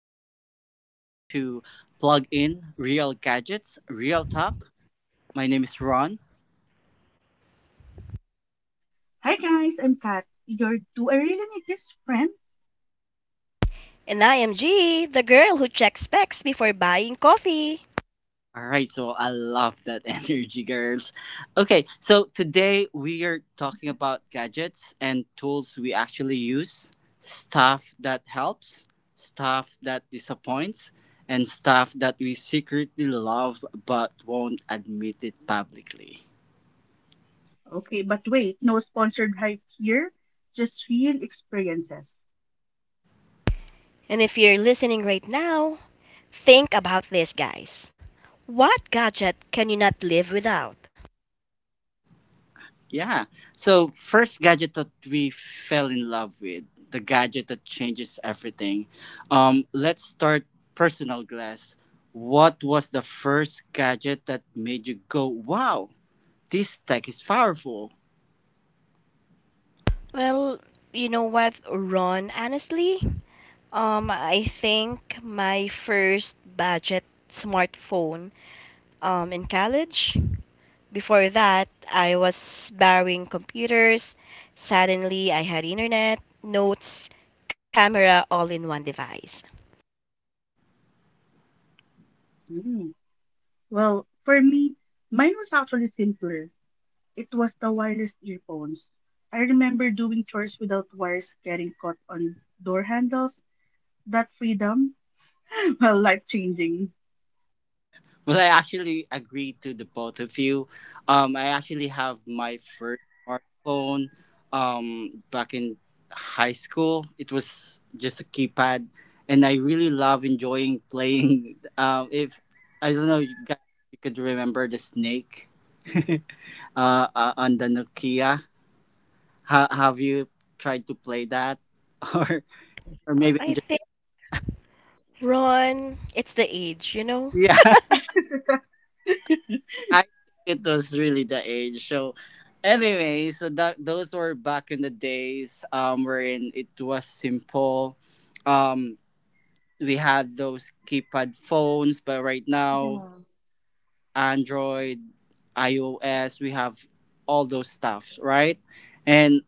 welcome back to Plug In Real Gadgets, Real Talk. My name is Ron. Hi guys, I'm Kat. Your do I really need this friend? And I am G, the girl who checks specs before buying coffee. All right, so I love that energy, girls. Okay, so today we are talking about gadgets and tools we actually use, stuff that helps, stuff that disappoints, and stuff that we secretly love but won't admit it publicly. Okay, but wait, no sponsored hype here, just real experiences. And if you're listening right now, think about this, guys. What gadget can you not live without? Yeah. So first gadget that we fell in love with, the gadget that changes everything. Let's start personal glass. What was the first gadget that made you go, "Wow, this tech is powerful"? Well, you know what, Ron, honestly, I think my first budget smartphone in college. Before that, I was borrowing computers. Suddenly, I had internet, notes, camera all in one device. Mm. Well, for me, mine was actually simpler. It was the wireless earphones. I remember doing chores without wires getting caught on door handles. That freedom, well, life changing. Well, I actually agree to the both of you. I actually have my first smartphone back in high school. It was just a keypad, and I really love enjoying playing. If I don't know, you guys, if you could remember the snake on the Nokia. Have you tried to play that, or maybe I I'm just think Ron, it's the age, you know. yeah. I think it was really the age. So anyway, so that those were back in the days wherein it was simple. Um we had those keypad phones, but right now Yeah. Android, iOS, we have all those stuff, right? And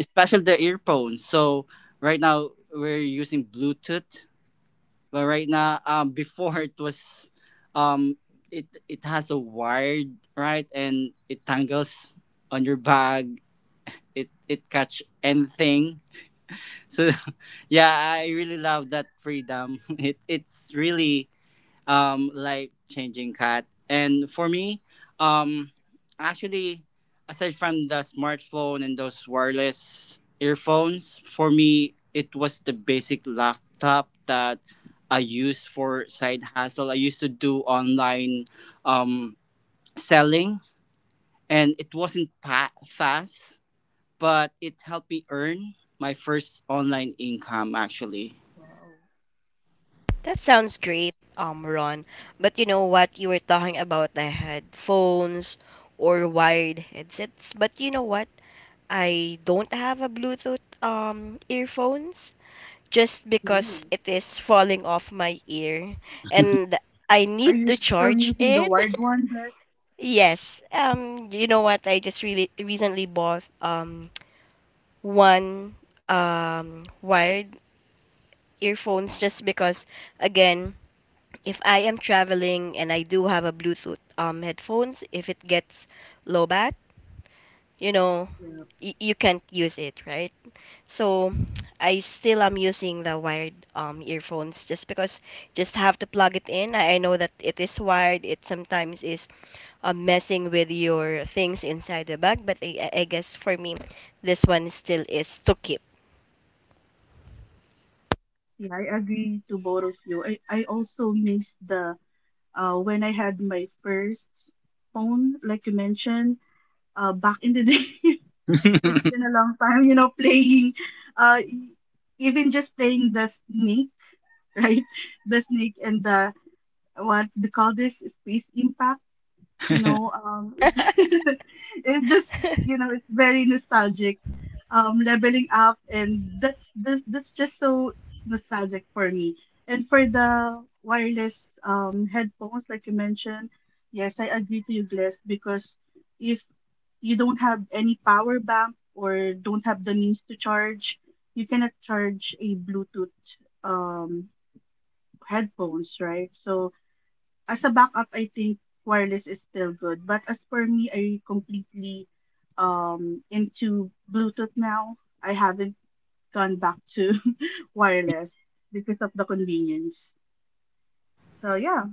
especially the earphones. So right now we're using Bluetooth but right now, before it was, um, it has a wired right, and it tangles on your bag. It catch anything. So, yeah, I really love that freedom. It's really life changing cat, and for me um actually aside from the smartphone and those wireless earphones, for me it was the basic laptop that I used for side hustle. I used to do online um selling, and it wasn't fast, but it helped me earn my first online income actually. Wow. That sounds great, Ron. But you know what? You were talking about the headphones or wired headsets. But you know what? I don't have a Bluetooth earphones just because Ooh. it is falling off my ear and I Are need you to still charge using the it. wired one, Kat? Yes. You know what? I just really recently bought one wired earphones just because again, if I am traveling and I do have a Bluetooth headphones, if it gets low bat, you know, Yeah. You can't use it, right? So I still am using the wired earphones just because just have to plug it in. I know that it is wired, it sometimes is messing with your things inside the bag, but I guess for me this one still is to keep. Yeah, I agree to both of you. I also missed the when I had my first phone, like you mentioned, back in the day. It's been a long time, playing uh e- even just playing the snake, right? The snake and the what they call this space impact, it's it's just, it's very nostalgic, leveling up, and that's just so nostalgic for me. And for the wireless headphones, like you mentioned, yes, I agree to you, Gless, because if you don't have any power bank or don't have the means to charge, you cannot charge a Bluetooth um headphones, right? So as a backup, I think wireless is still good. But as for me, I completely into Bluetooth now. I haven't gone back to wireless because of the convenience. So yeah.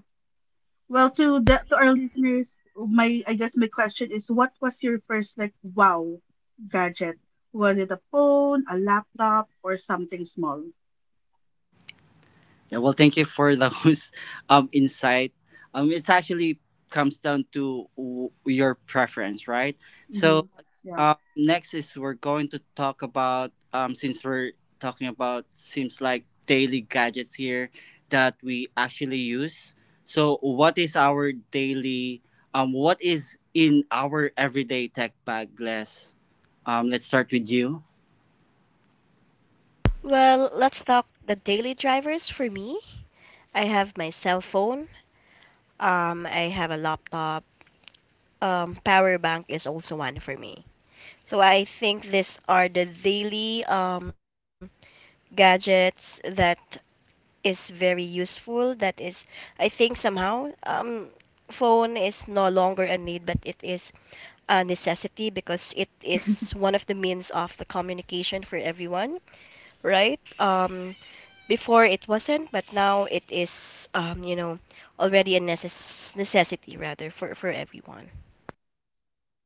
Well, to our listeners, my I guess my question is, what was your first like wow gadget? Was it a phone, a laptop, or something small? Yeah, well, thank you for those insight. It actually comes down to your preference, right? Mm-hmm. So, Yeah. Next is we're going to talk about since we're talking about seems like daily gadgets here that we actually use. So, what is our daily? What is in our everyday tech bag, Les? Let's start with you. Well, let's talk the daily drivers. For me, I have my cell phone. I have a laptop. Power bank is also one for me. So I think these are the daily gadgets that is very useful. That is, I think somehow phone is no longer a need, but it is a necessity because it is one of the means of the communication for everyone, right? Before it wasn't, but now it is, you know, already a necessity rather for everyone.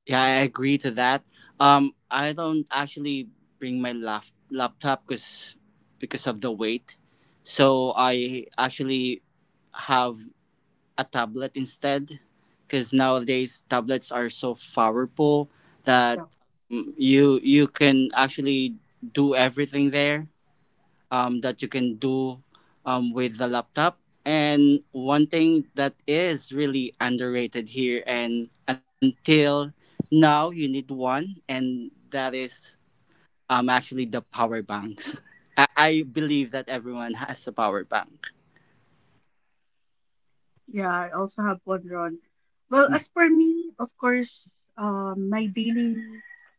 Yeah, I agree to that. I don't actually bring my laptop because of the weight. So I actually have a tablet instead because nowadays tablets are so powerful that Yeah. You can actually do everything there that you can do with the laptop. And one thing that is really underrated here, and until now, you need one, and that is actually the power banks. I believe that everyone has a power bank. Yeah, I also have one, Ron. Well, as for me, of course, my daily,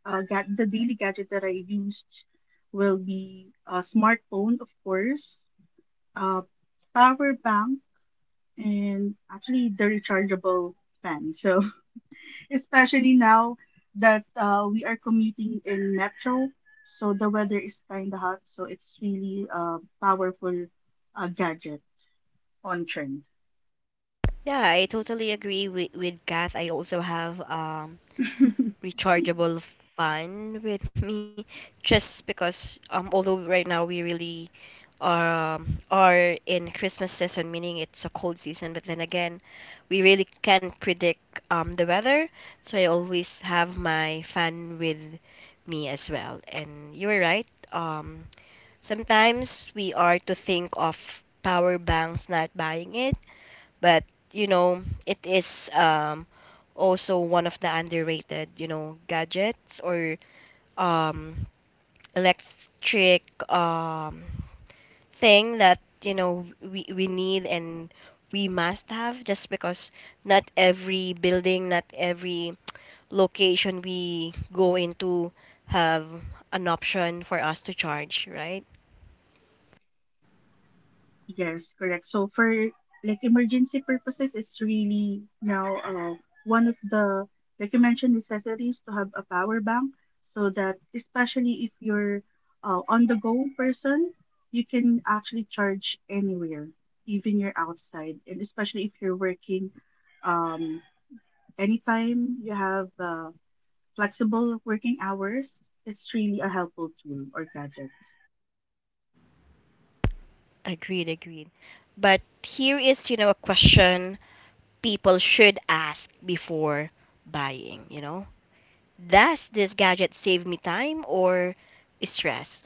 uh, ga- the daily gadget that I used will be a smartphone, of course, uh, power bank, and actually the rechargeable fan. So, especially now that we are commuting in metro, so the weather is kind of hot, so it's really a powerful gadget on trend. Yeah, I totally agree with Kath. I also have rechargeable fan with me just because although right now we really are in Christmas season, meaning it's a cold season, but then again, we really can't predict the weather. So I always have my fan with me as well. And you were right. Sometimes we are to think of power banks not buying it, but you know, it is also one of the underrated, you know, gadgets or um, electric um, thing that you know we need and we must have just because not every building, not every location we go into have an option for us to charge, right? Yes, correct. So for like emergency purposes, it's really now, one of the, like you mentioned, necessities to have a power bank, so that especially if you're, on the go person, you can actually charge anywhere, even you're outside, and especially if you're working, um, anytime you have flexible working hours, it's really a helpful tool or gadget. Agreed, agreed. But here is, you know, a question people should ask before buying, you know. Does this gadget save me time or stress?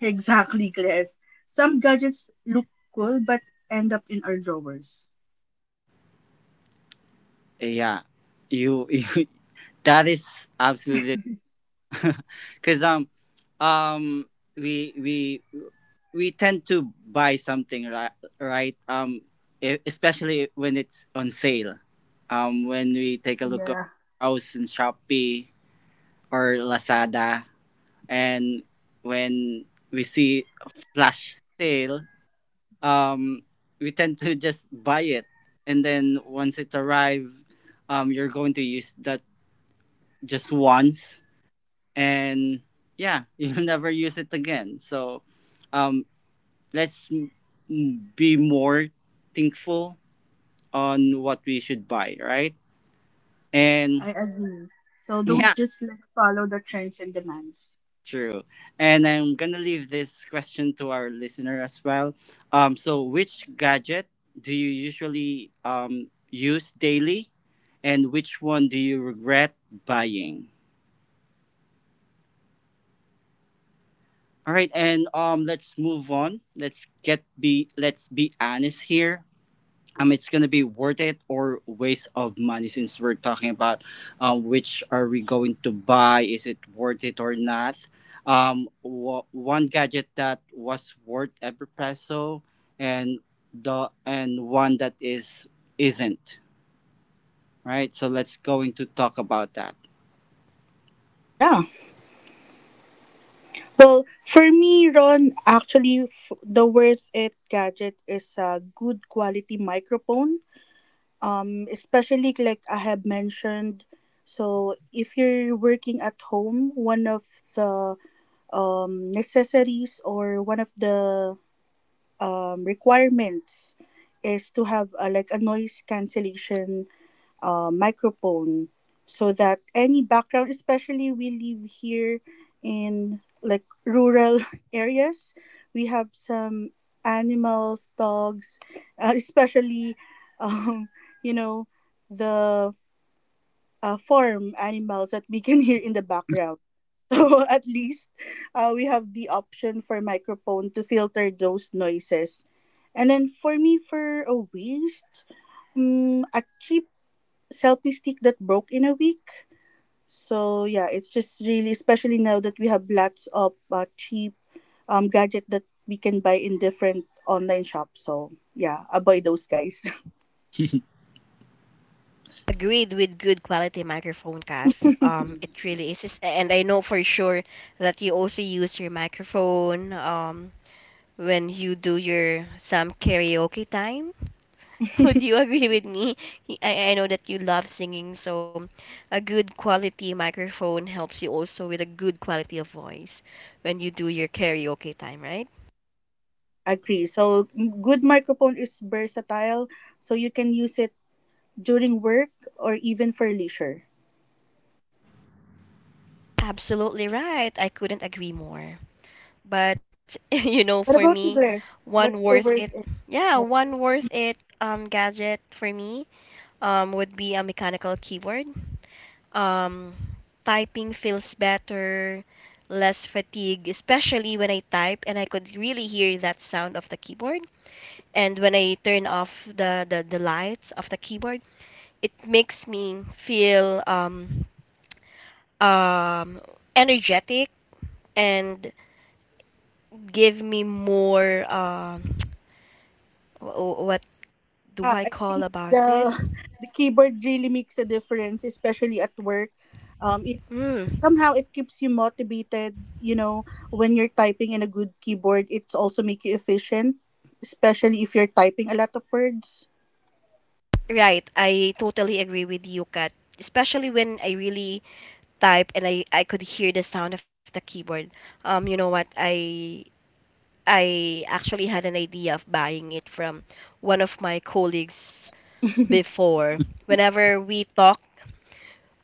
Exactly, Glass. Some gadgets look cool but end up in our drawers. Yeah, you, you that is absolutely because um we we we tend to buy something right right um especially when it's on sale when we take a look on house and shopee or lazada, and when we see a flash sale um we tend to just buy it, and then once it arrives you're going to use that just once, and yeah, you'll never use it again. So um let's be more thankful on what we should buy, right? And I agree. So don't yeah, just like follow the trends and demands. true. And I'm gonna leave this question to our listener as well. So which gadget do you usually use daily, and which one do you regret buying? All right, and let's move on. Let's get be let's be honest here. It's gonna be worth it or waste of money since we're talking about which are we going to buy, is it worth it or not? One gadget that was worth every peso, and the and one that is isn't, right? So let's going to talk about that. Yeah. Well, for me, Ron, actually, the worth it gadget is a good quality microphone. Especially like I have mentioned. So if you're working at home, one of the necessities or one of the requirements is to have a, like a, noise cancellation microphone, so that any background, especially we live here in like rural areas, we have some animals, dogs, especially, um, you know, the farm animals that we can hear in the background. So at least, we have the option for microphone to filter those noises. And then for me, for a waste, a cheap selfie stick that broke in a week. So yeah, it's just really, especially now that we have lots of cheap gadget that we can buy in different online shops. So yeah, avoid those guys. Agreed with good quality microphone, Kath. It really is. It's- And I know for sure that you also use your microphone when you do your some karaoke time. Would you agree with me? I know that you love singing, so a good quality microphone helps you also with a good quality of voice when you do your karaoke time, right? Agree. So good microphone is versatile, so you can use it during work or even for leisure. Absolutely right. I couldn't agree more. But you know, for What me, about you, Bless? one What's worth the it, worst? Yeah, Yeah, one worth it gadget for me would be a mechanical keyboard. Um, typing feels better, less fatigue, especially when I type and I could really hear that sound of the keyboard. And when I turn off the lights of the keyboard, it makes me feel um, energetic and give me more what do yeah, I I call think about the it? the keyboard really makes a difference, especially at work. Um, Mm, Somehow it keeps you motivated, when you're typing in a good keyboard, it also make you efficient, especially if you're typing a lot of words. right, I totally agree with you, Kat. Especially when I really type and I could hear the sound of the keyboard. You know what? I actually had an idea of buying it from one of my colleagues before. Whenever we talk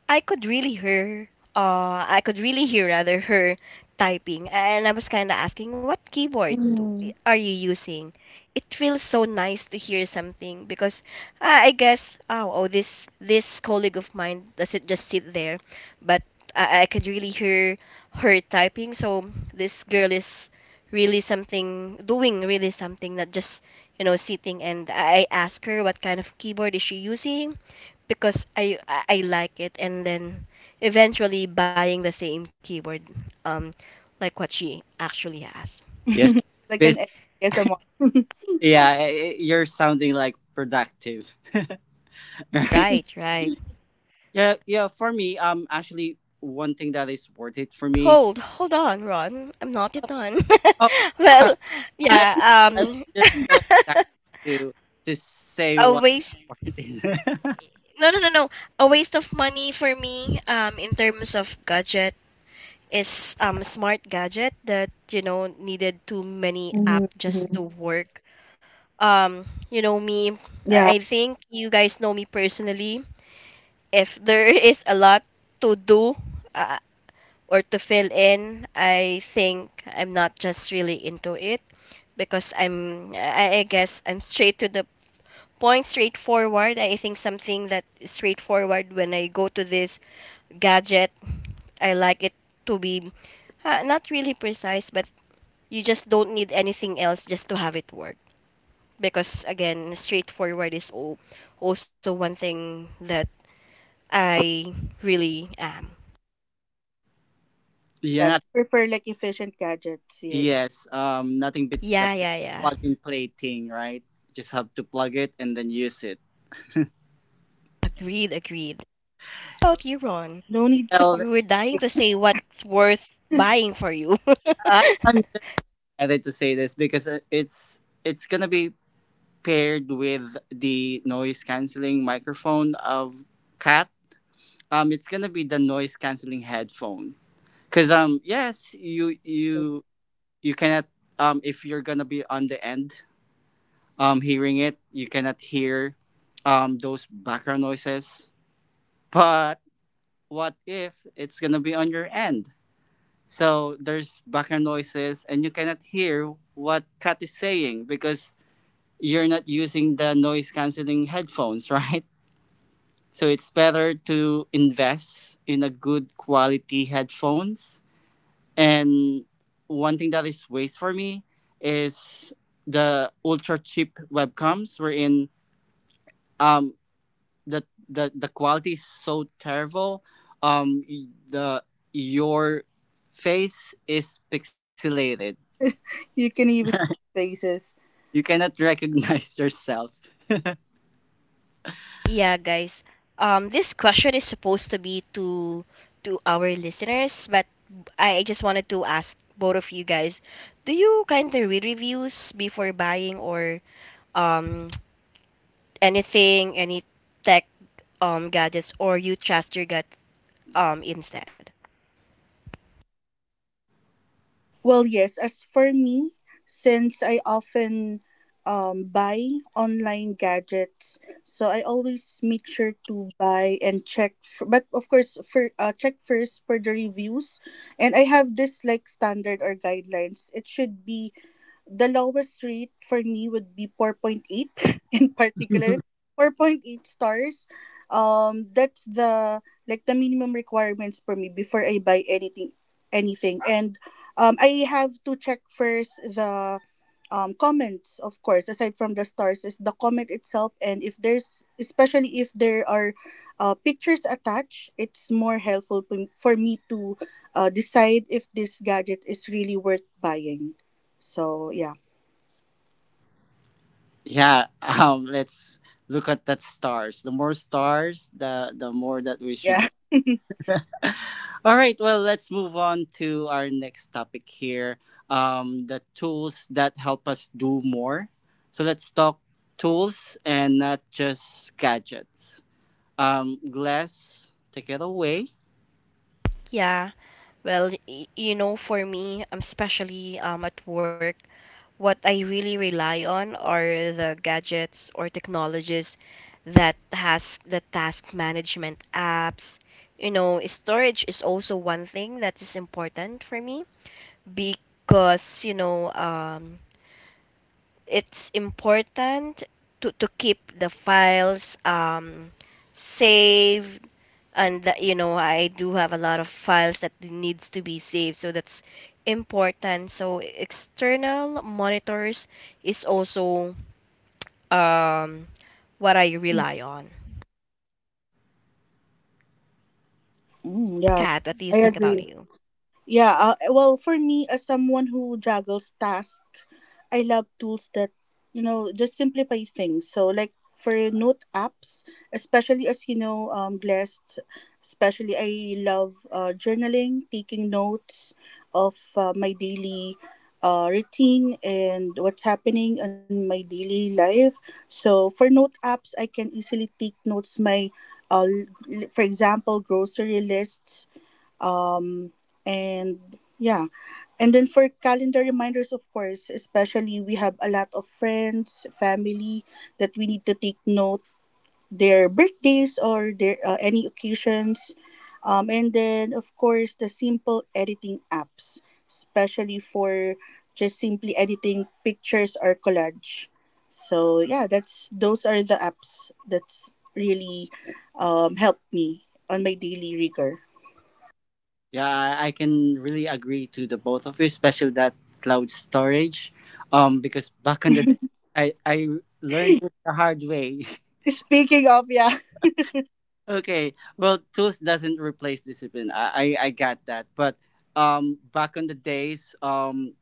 I could really hear I could really hear rather her typing and I was kind of asking what keyboard Mhm. are you using? It feels so nice to hear something because I guess oh, this colleague of mine doesn't just sit there but I could really hear her typing. So this girl is really something, doing really something, not just you know sitting. And I ask her what kind of keyboard is she using because I like it, and then eventually buying the same keyword um like what she actually has. Yes. Like Bas- an ASMR. yeah, you're sounding like productive, right? Right, right. Yeah, yeah, for me actually one thing that is worth it for me. Hold, hold on, Ron. I'm not yet done. Oh, sorry. Well, I yeah, I was um. just Mm-hmm. so excited to say A what. waste, no no no no, a waste of money for me in terms of gadget is smart gadget that you know needed too many app just to work. You know me. Yeah, I think you guys know me personally. If there is a lot to do uh, or to fill in, I think I'm not just really into it because I'm. I guess I'm straight to the point, straightforward. I think something that is straightforward when I go to this gadget, I like it to be not really precise, but you just don't need anything else just to have it work. Because again, straightforward is also one thing that I really am. Yeah, yeah, not, prefer like efficient gadgets, yeah. yes. Nothing Yeah, beats yeah, the yeah. plug and play thing, right? Just have to plug it and then use it. Agreed, agreed. How about you, Ron? No need to Well, You were dying complicate. to say what's worth buying for you. I'm just excited to say this because it's gonna be paired with the noise canceling microphone of Cat. It's gonna be the noise canceling headphone. Cause yes, you cannot if you're gonna be on the end hearing it, you cannot hear those background noises, but what if it's gonna be on your end, so there's background noises and you cannot hear what Kat is saying because you're not using the noise cancelling headphones, right? So it's better to invest in a good quality headphones. And one thing that is waste for me is the ultra cheap webcams wherein um the the quality is so terrible. The your face is pixelated. You can even faces. You cannot recognize yourself. Yeah, guys. This question is supposed to be to our listeners, but I just wanted to ask both of you guys: do you kind of read reviews before buying or um anything, any tech gadgets, or you trust your gut instead? Well, yes, as for me, since I often, buy online gadgets, so I always make sure to buy and check. But of course, for, check first for the reviews, and I have this like standard or guidelines. It should be The lowest rate for me would be 4.8 in particular. 4.8 stars. That's the, like, the minimum requirements for me before I buy anything. And, I have to check first the comments, of course, aside from the stars is the comment itself, and if there's especially if there are pictures attached, it's more helpful for me to decide if this gadget is really worth buying. So yeah. Yeah, let's look at that stars. The more stars, the more that we should. Yeah. All right, well, let's move on to our next topic here. The tools that help us do more. So let's talk tools and not just gadgets. Glass, take it away. Yeah. Well, you know, for me, especially at work, what I really rely on are the gadgets or technologies that has the task management apps. You know, storage is also one thing that is important for me because, you know, it's important to keep the files safe, and that, you know, I do have a lot of files that needs to be saved, so that's important. So external monitors is also um what I rely on. Mm, yeah. Kat, what do you I think about agree. you? Yeah, well, for me, as someone who juggles tasks, I love tools that, just simplify things. So, like for note apps, especially as you know, blessed, especially I love, journaling, taking notes of my daily routine and what's happening in my daily life. So, for note apps, I can easily take notes, uh, for example, grocery lists, um and yeah, and then for calendar reminders, of course, especially we have a lot of friends, family, that we need to take note their birthdays or their, any occasions, and then of course the simple editing apps, especially for just simply editing pictures or collage. So yeah, that's those are the apps that's really, helped me on my daily rigor. Yeah, I can really agree to the both of you, especially that cloud storage. Because back in the day, I learned it the hard way. Speaking of, yeah. Okay, well, tools doesn't replace discipline. I got that. But back in the days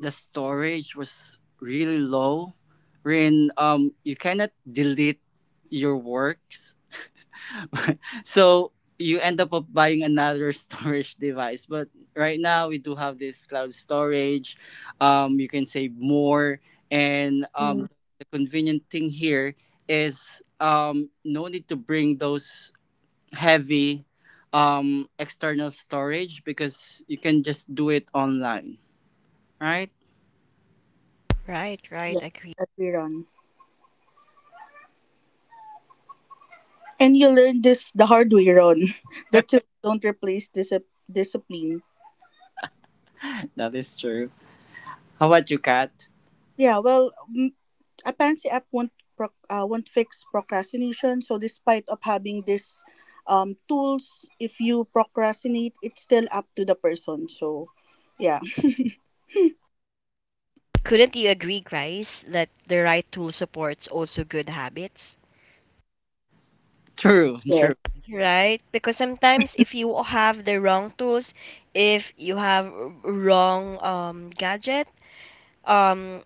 the storage was really low wherein you cannot delete your works, so you end up of buying another storage device. But right now we do have this cloud storage. You can save more, and the convenient thing here is no need to bring those heavy external storage because you can just do it online, right? Right, right, Yes, agree. that we run. And you learn this the hard way, Ron, that you don't replace discipline. That is true. How about you, Kat? Yeah, well, a Pansy app won't fix procrastination. So despite of having this, tools, if you procrastinate, it's still up to the person. So, yeah. Couldn't you agree guys that the right tool supports also good habits? True, true, Yes. Right, because sometimes if you have the wrong tools, if you have wrong gadget, um,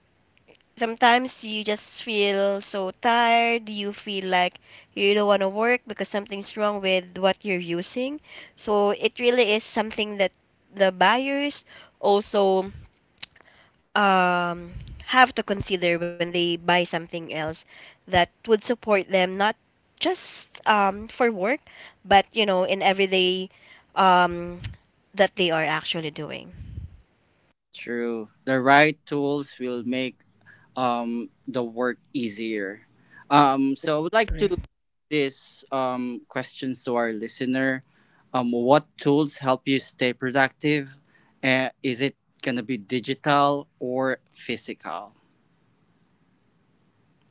sometimes you just feel so tired, you feel like you don't want to work because something's wrong with what you're using. So it really is something that the buyers also um, have to consider when they buy something else that would support them, not just for work, but you know, in everyday um, that they are actually doing. true. The right tools will make the work easier. So I would like to this questions to our listener. What tools help you stay productive? Is it gonna be digital or physical?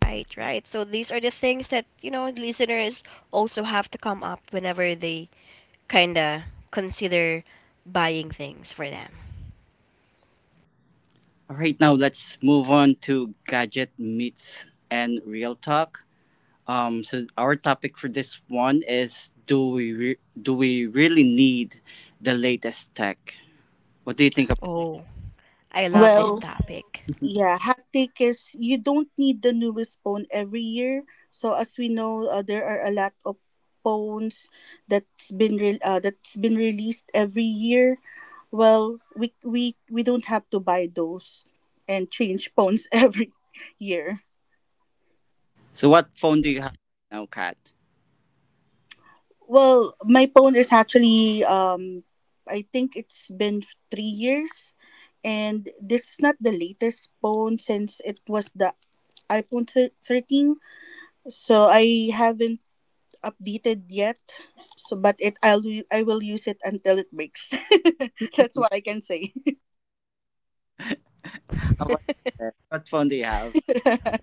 Right, right. So these are the things that, you know, listeners also have to come up whenever they kind of consider buying things for them. All right, now let's move on to gadget meets and real talk. So our topic for this one is do we really need the latest tech? What do you think about? Oh, I love this Well, topic. yeah, hectic is you don't need the newest phone every year. So as we know, there are a lot of phones that's been released every year. Well, we don't have to buy those and change phones every year. So what phone do you have right now, Kat? Well, my phone is actually, I think it's been 3 years, and this is not the latest phone since it was the iPhone 13. So I haven't updated yet. So, but I will use it until it breaks. That's what I can say. How about you, Jess? What phone do you have?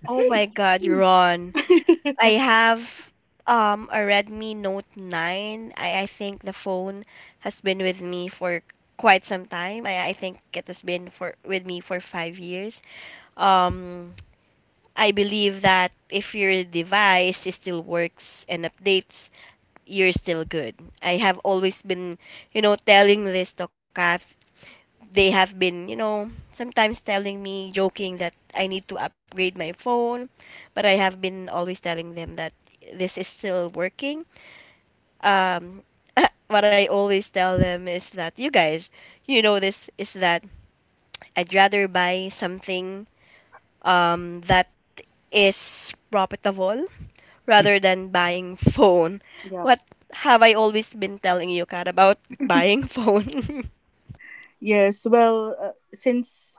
Oh my God, Ron. I have a Redmi Note 9. I think the phone has been with me for quite some time. I think it has been for with me for 5 years. Um, I believe that if your device still works and updates, you're still good. I have always been, you know, telling this to Kath. They have been, you know, sometimes telling me, joking that I need to upgrade my phone, but I have been always telling them that this is still working. Um, what I always tell them is that you guys, you know, this is that I'd rather buy something that is profitable rather than buying phone. Yeah. What have I always been telling you, Kat, about buying phone? Yes. Well, since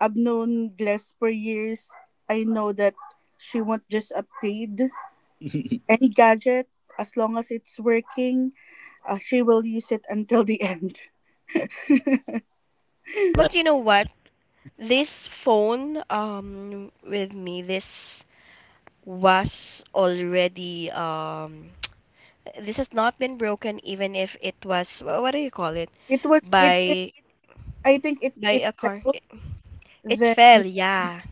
I've known Gless for years, I know that she won't just upgrade any gadget as long as it's working. She will use it until the end. Well, But you know what? This phone with me, this was already um, this has not been broken even if it was what do you call it? It was it. By I think it by it a car. fell. It Then fell, yeah.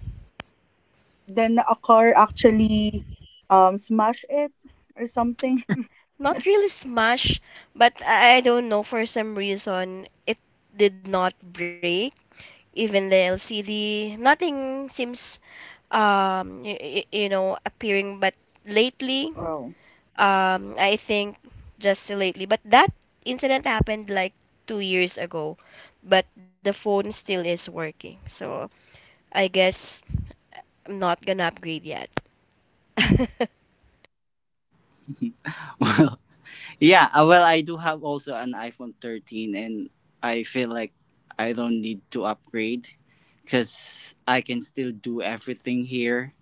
then a car actually smashed it or something. Not really smashed, but I don't know, for some reason it did not break, even the LCD, nothing seems, um, y- you know, appearing. But lately, I think just lately, but that incident happened like 2 years ago, but the phone still is working. So I guess I'm not gonna upgrade yet. well, yeah. Uh, well, I do have also an iPhone 13, and I feel like I don't need to upgrade because I can still do everything here.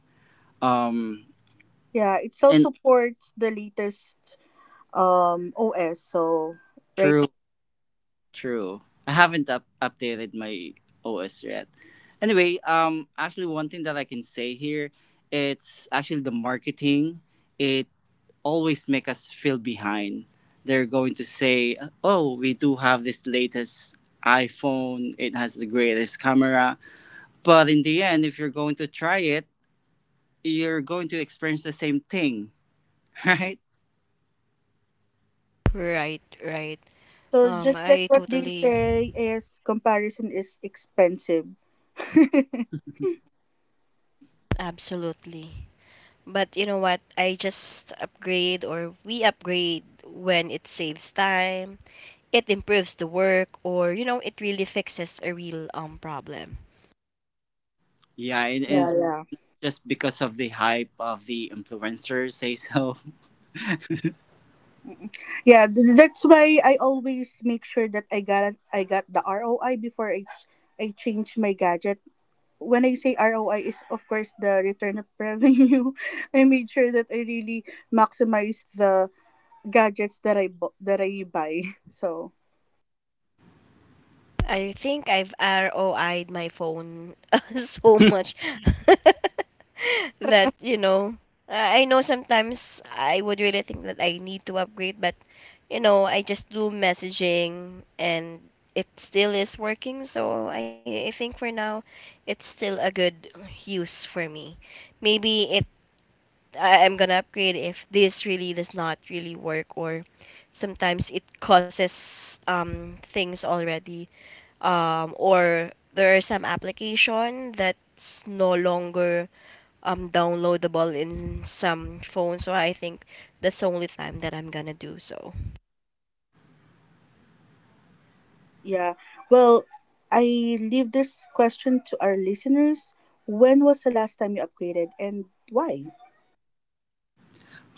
Um, Yeah, it still and supports the latest OS. So right, true. I haven't updated my OS yet. Anyway, actually, one thing that I can say here, it's actually the marketing. It always make us feel behind. They're going to say, "Oh, we do have this latest iPhone. It has the greatest camera." But in the end, if you're going to try it, you're going to experience the same thing, right? yeah. Right, right. So just I like what they totally, say is comparison is expensive. Yeah, absolutely. But you know what? I just upgrade or we upgrade when it saves time, it improves the work, or you know it really fixes a real problem. Yeah, and it's yeah, just because of the hype of the influencers, say so. yeah. That's why I always make sure that I got the ROI before I change my gadget. When I say ROI is of course the return of revenue. I made sure that I really maximize the gadgets that I buy. So I think I've roi'd my phone so much that you know I know sometimes I would really think that I need to upgrade, but you know I just do messaging and it still is working. So I think for now it's still a good use for me. Maybe it I'm gonna upgrade if this really does not really work, or sometimes it causes things already or there are some application that's no longer downloadable in yeah. some phones, so I think that's the only time that I'm gonna do so. Yeah. Well, I leave this question to our listeners. When was the last time you upgraded and why?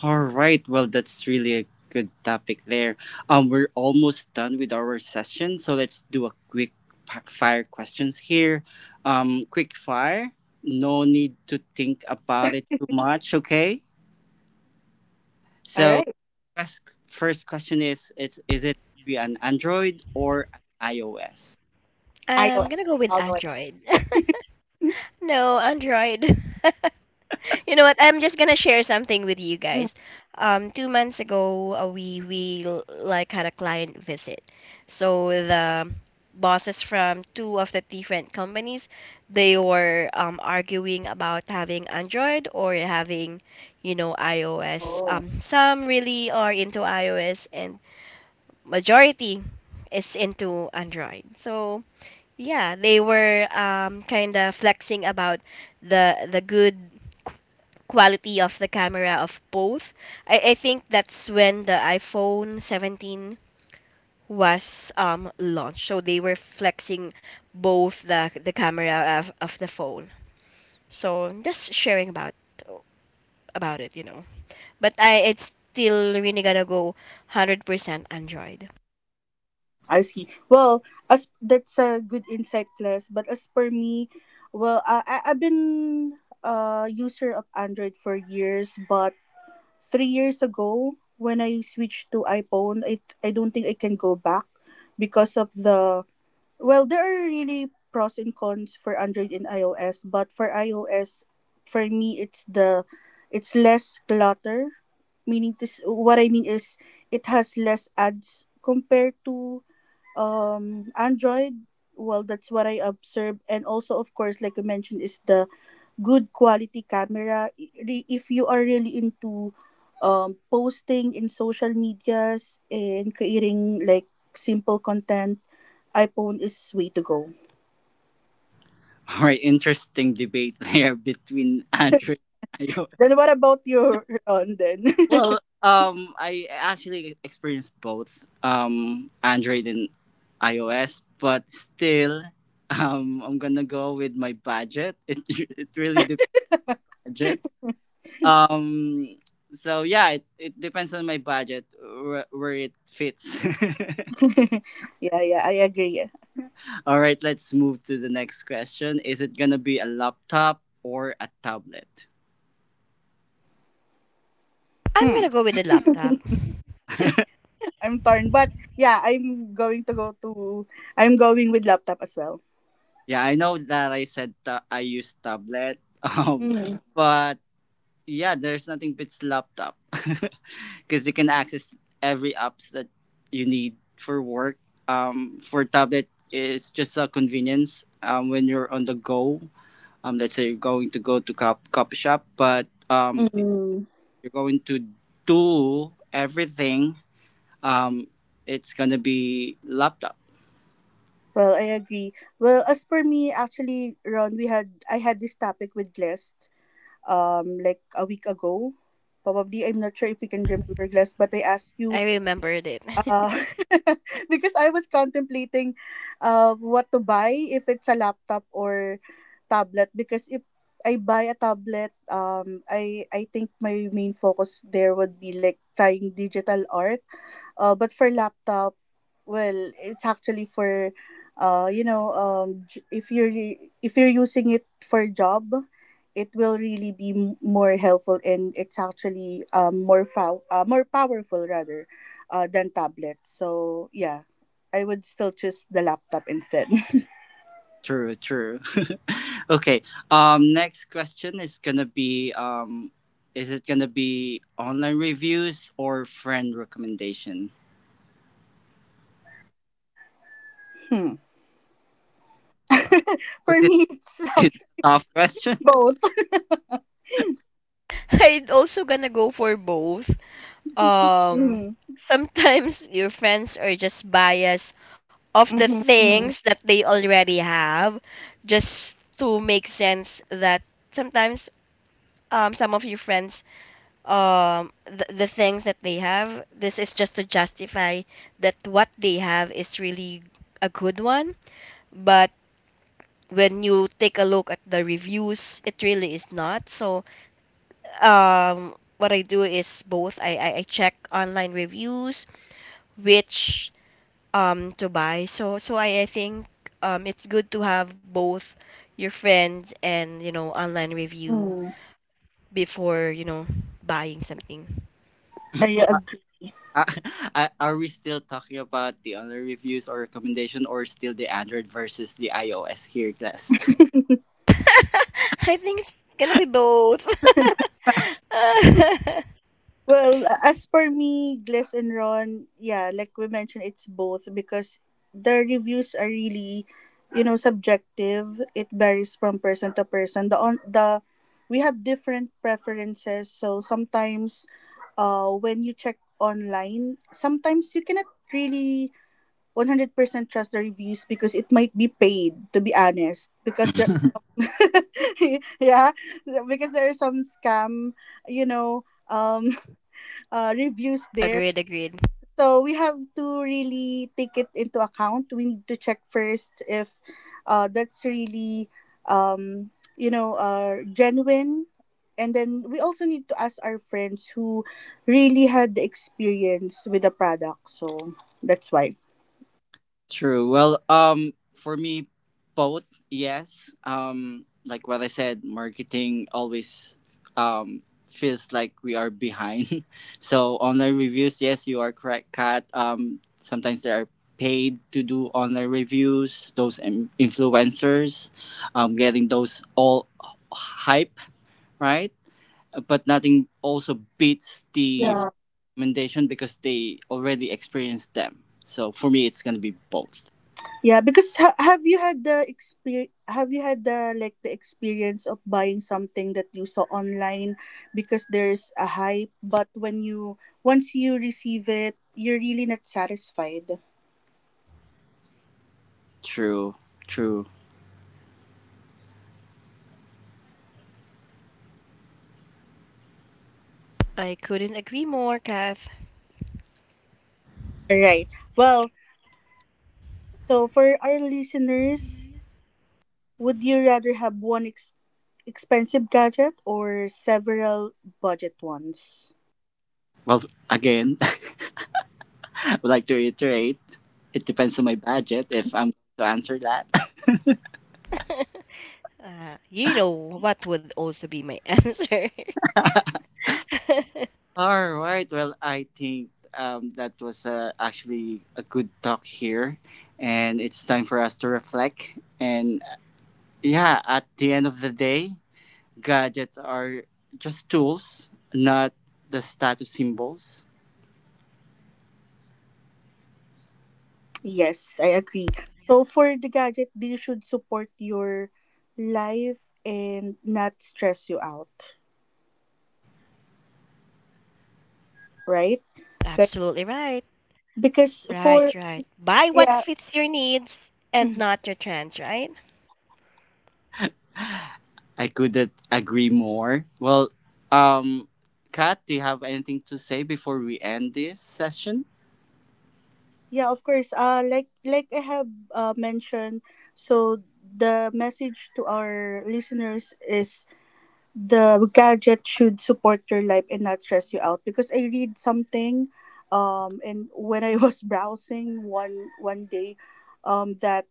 All right. Well, that's really a good topic there. We're almost done with our session, so let's do a quick fire questions here. Quick fire. No need to think about it too much. Okay. All So, right. first, first question is: It's is it be an Android or an iOS? I'm iOS gonna go with all the way. Android. Mm, No, Android. You know what? I'm just gonna share something with you mm. guys. 2 months ago, we like had a client visit. So the bosses from two of the different companies, they were arguing about having Android or having, iOS. Some really are into iOS, and majority is into Android. So yeah, they were kind of flexing about the good quality of the camera of both. I think that's when the iPhone 17 was launched. So they were flexing both the camera of the phone. So just sharing about it. But I it's still really gonna go 100% Android. I see. Well, as that's a good insight, class. But as per me, well, I've been a user of Android for years, but 3 years ago when I switched to iPhone, I don't think I can go back because of the. Well, there are really pros and cons for Android and iOS, but for iOS, for me, it's the it's less clutter. Meaning this, what I mean is, it has less ads compared to Android. Well, that's what I observe, and also, of course, like you mentioned, is the good quality camera. If you are really into, posting in social medias and creating like simple content, iPhone is way to go. All right. Interesting debate there between Android and. Then what about your, Ron? Then, Well, I actually experienced both, Android and iOS, but still, I'm gonna go with my budget. It really depends budget. Um, so yeah, it depends on my budget where it fits. yeah, yeah, I agree. All right, let's move to the next question. Is it gonna be a laptop or a tablet? I'm Hmm, gonna go with the laptop. I'm torn, but yeah, I'm going to go to. I'm going with laptop as well. Yeah, I know that I said I use tablet, Mm. but yeah, there's nothing beats laptop because you can access every apps that you need for work. For tablet, it's just a convenience when you're on the go. Let's say you're going to go to copy shop, but if Mm. you're going to do everything, um, it's gonna be laptop. Well, I agree. Well, as for me, actually, Ron, we had I had this topic with Glest, like a week ago. Probably, I'm not sure if you can remember Glest, but I asked I you. remembered it. Uh, because I was contemplating what to buy if it's a laptop or tablet, because if I buy a tablet, I think my main focus there would be like trying digital art, but for laptop, well, it's actually for, uh, you know, um, j- if you're if you're using it for job, it will really be more helpful, and it's actually, more powerful, rather, than tablet. So yeah, I would still choose the laptop instead. True, true. Okay. Next question is gonna be is it gonna be online reviews or friend recommendation? Hmm. Is For it me, it's is it actually a tough question? both. I'd also gonna go for both. Um, Mm-hmm. sometimes your friends are just biased of the things that they already have just to make sense that sometimes um, some of your friends um, the things that they have, this is just to justify that what they have is really a good one. But when you take a look at the reviews, it really is not so um, what I do is both. I check online reviews which um, to buy. So I think um, it's good to have both your friends and you know online review Mm-hmm. before you know buying something. I agree. Are, are we still talking about the online reviews or recommendation or still the Android versus the iOS here, class? I think it's gonna be both. Well, as for me, Glass and Ron, yeah, like we mentioned, it's both because the reviews are really, subjective. It varies from person to person. The on the We have different preferences, so sometimes, when you check online, sometimes you cannot really 100% trust the reviews because it might be paid. To be honest, because there, yeah, because there are some scam, you know. Um, Reviews there. agreed, agreed. So we have to really take it into account. We need to check first if that's really, um, genuine. And then we also need to ask our friends who really had the experience with the product. So that's why. True. Well, for me, both. Yes. Like what I said, marketing always um feels like we are behind. So online reviews, yes, you are correct, Kat. Sometimes they are paid to do online reviews. Those influencers, getting those all hype, right? But nothing also beats the Yeah. recommendation because they already experienced them. So for me, it's gonna be both. Yeah, because have you had the, like, the experience of buying something that you saw online because there's a hype, but when you once you receive it, you're really not satisfied. True, true. I couldn't agree more, Kath. All right. Well, so for our listeners, would you rather have one expensive gadget or several budget ones? Well, again, I would like to reiterate it depends on my budget if I'm going to answer that. You know what would also be my answer. All right. Well, I think that was actually a good talk here. And it's time for us to reflect. And yeah, at the end of the day, gadgets are just tools, not the status symbols. Yes, I agree. So for the gadget, they should support your life and not stress you out, Absolutely right? right. Okay. Right, right. Because Buy for what fits your yeah, needs and not your trends, mm, right? I couldn't agree more. Well, um, Kat, do you have anything to say before we end this session? yeah, of course. Like I have, mentioned, so the message to our listeners is the gadget should support your life and not stress you out. Because I read something, and when I was browsing one day, that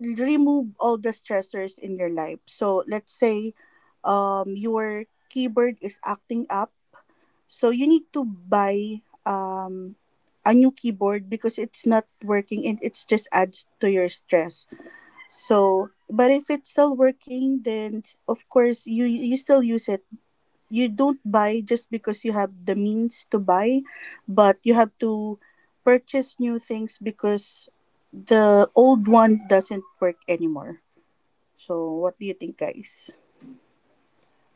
remove all the stressors in your life. So let's say your keyboard is acting up, so you need to buy a new keyboard because it's not working and it's just adds to your stress. So but if it's still working then, of course, you still use it. You don't buy just because you have the means to buy, but you have to purchase new things because the old one doesn't work anymore. So, what do you think, guys?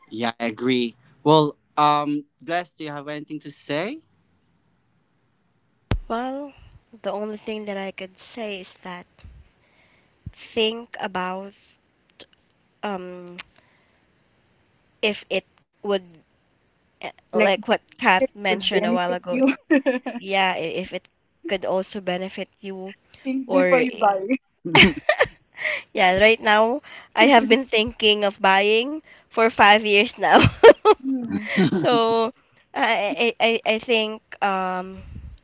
Yeah, I agree. Well, Bless, do you have anything to say? Well, the only thing that I could say is that think about um, if it would eh, Like, like what Kath mentioned a while benefit ago. you. Yeah, I- if it could also benefit you Think before or you buy. yeah, right now I have been thinking of buying for 5 years now. Hmm. So I think um,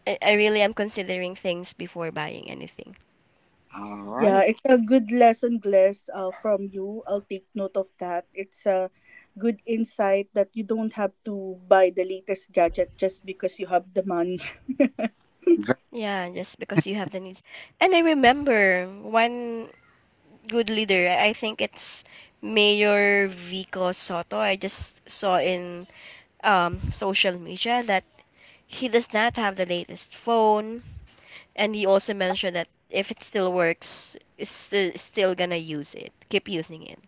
I really am considering things before buying anything. All right. Yeah, it's a good lesson, Glass, from you. I'll take note of that. It's a good insight that you don't have to buy the latest gadget just because you have the money. Ver- Yeah, just because you have the needs. And I remember one good leader, I think it's Mayor Vico Soto. I just saw in um, social media that he does not have the latest phone, and he also mentioned that if it still works, is still gonna use it. Keep using it.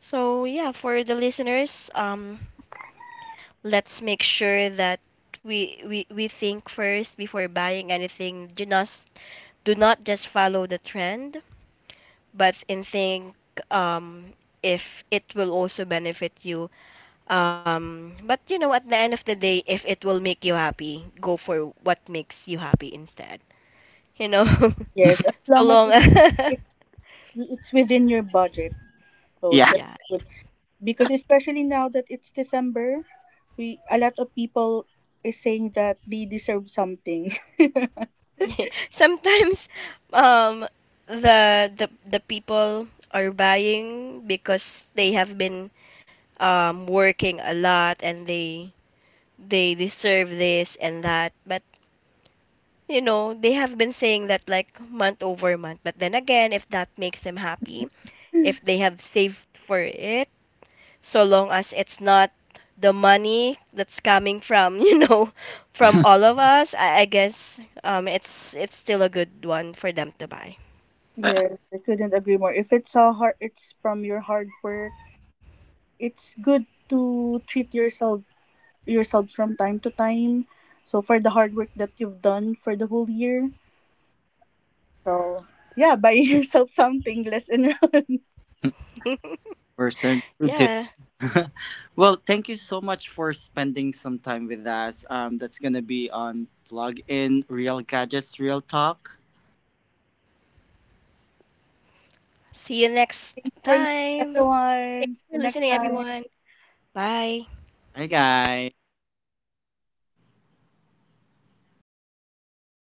So yeah, for the listeners, um, let's make sure that we think first before buying anything. Do not just follow the trend, but in think um, if it will also benefit you. But you know, at the end of the day, if it will make you happy, go for what makes you happy instead. You know, Yes, as so long as long. It, it's within your budget. So yeah, that's yeah. good. Because especially now that it's December, we a lot of people is saying that they deserve something. Sometimes, um, the people are buying because they have been working a lot and they deserve this and that. But you know, they have been saying that like month over month. But then again, if that makes them happy, if they have saved for it, so long as it's not the money that's coming from you know from all of us, I guess it's still a good one for them to buy. Yes, I couldn't agree more. If it's a hard, it's from your hard work. It's good to treat yourself yourselves from time to time. So for the hard work that you've done for the whole year, so yeah, buy yourself something. Let's enroll. we're certainly do. yeah. Well, thank you so much for spending some time with us. That's gonna be on Plug In Real Gadgets Real Talk. See you next Thanks for listening, time. everyone. Thanks See you for next listening, time. everyone. Bye. Bye, guys.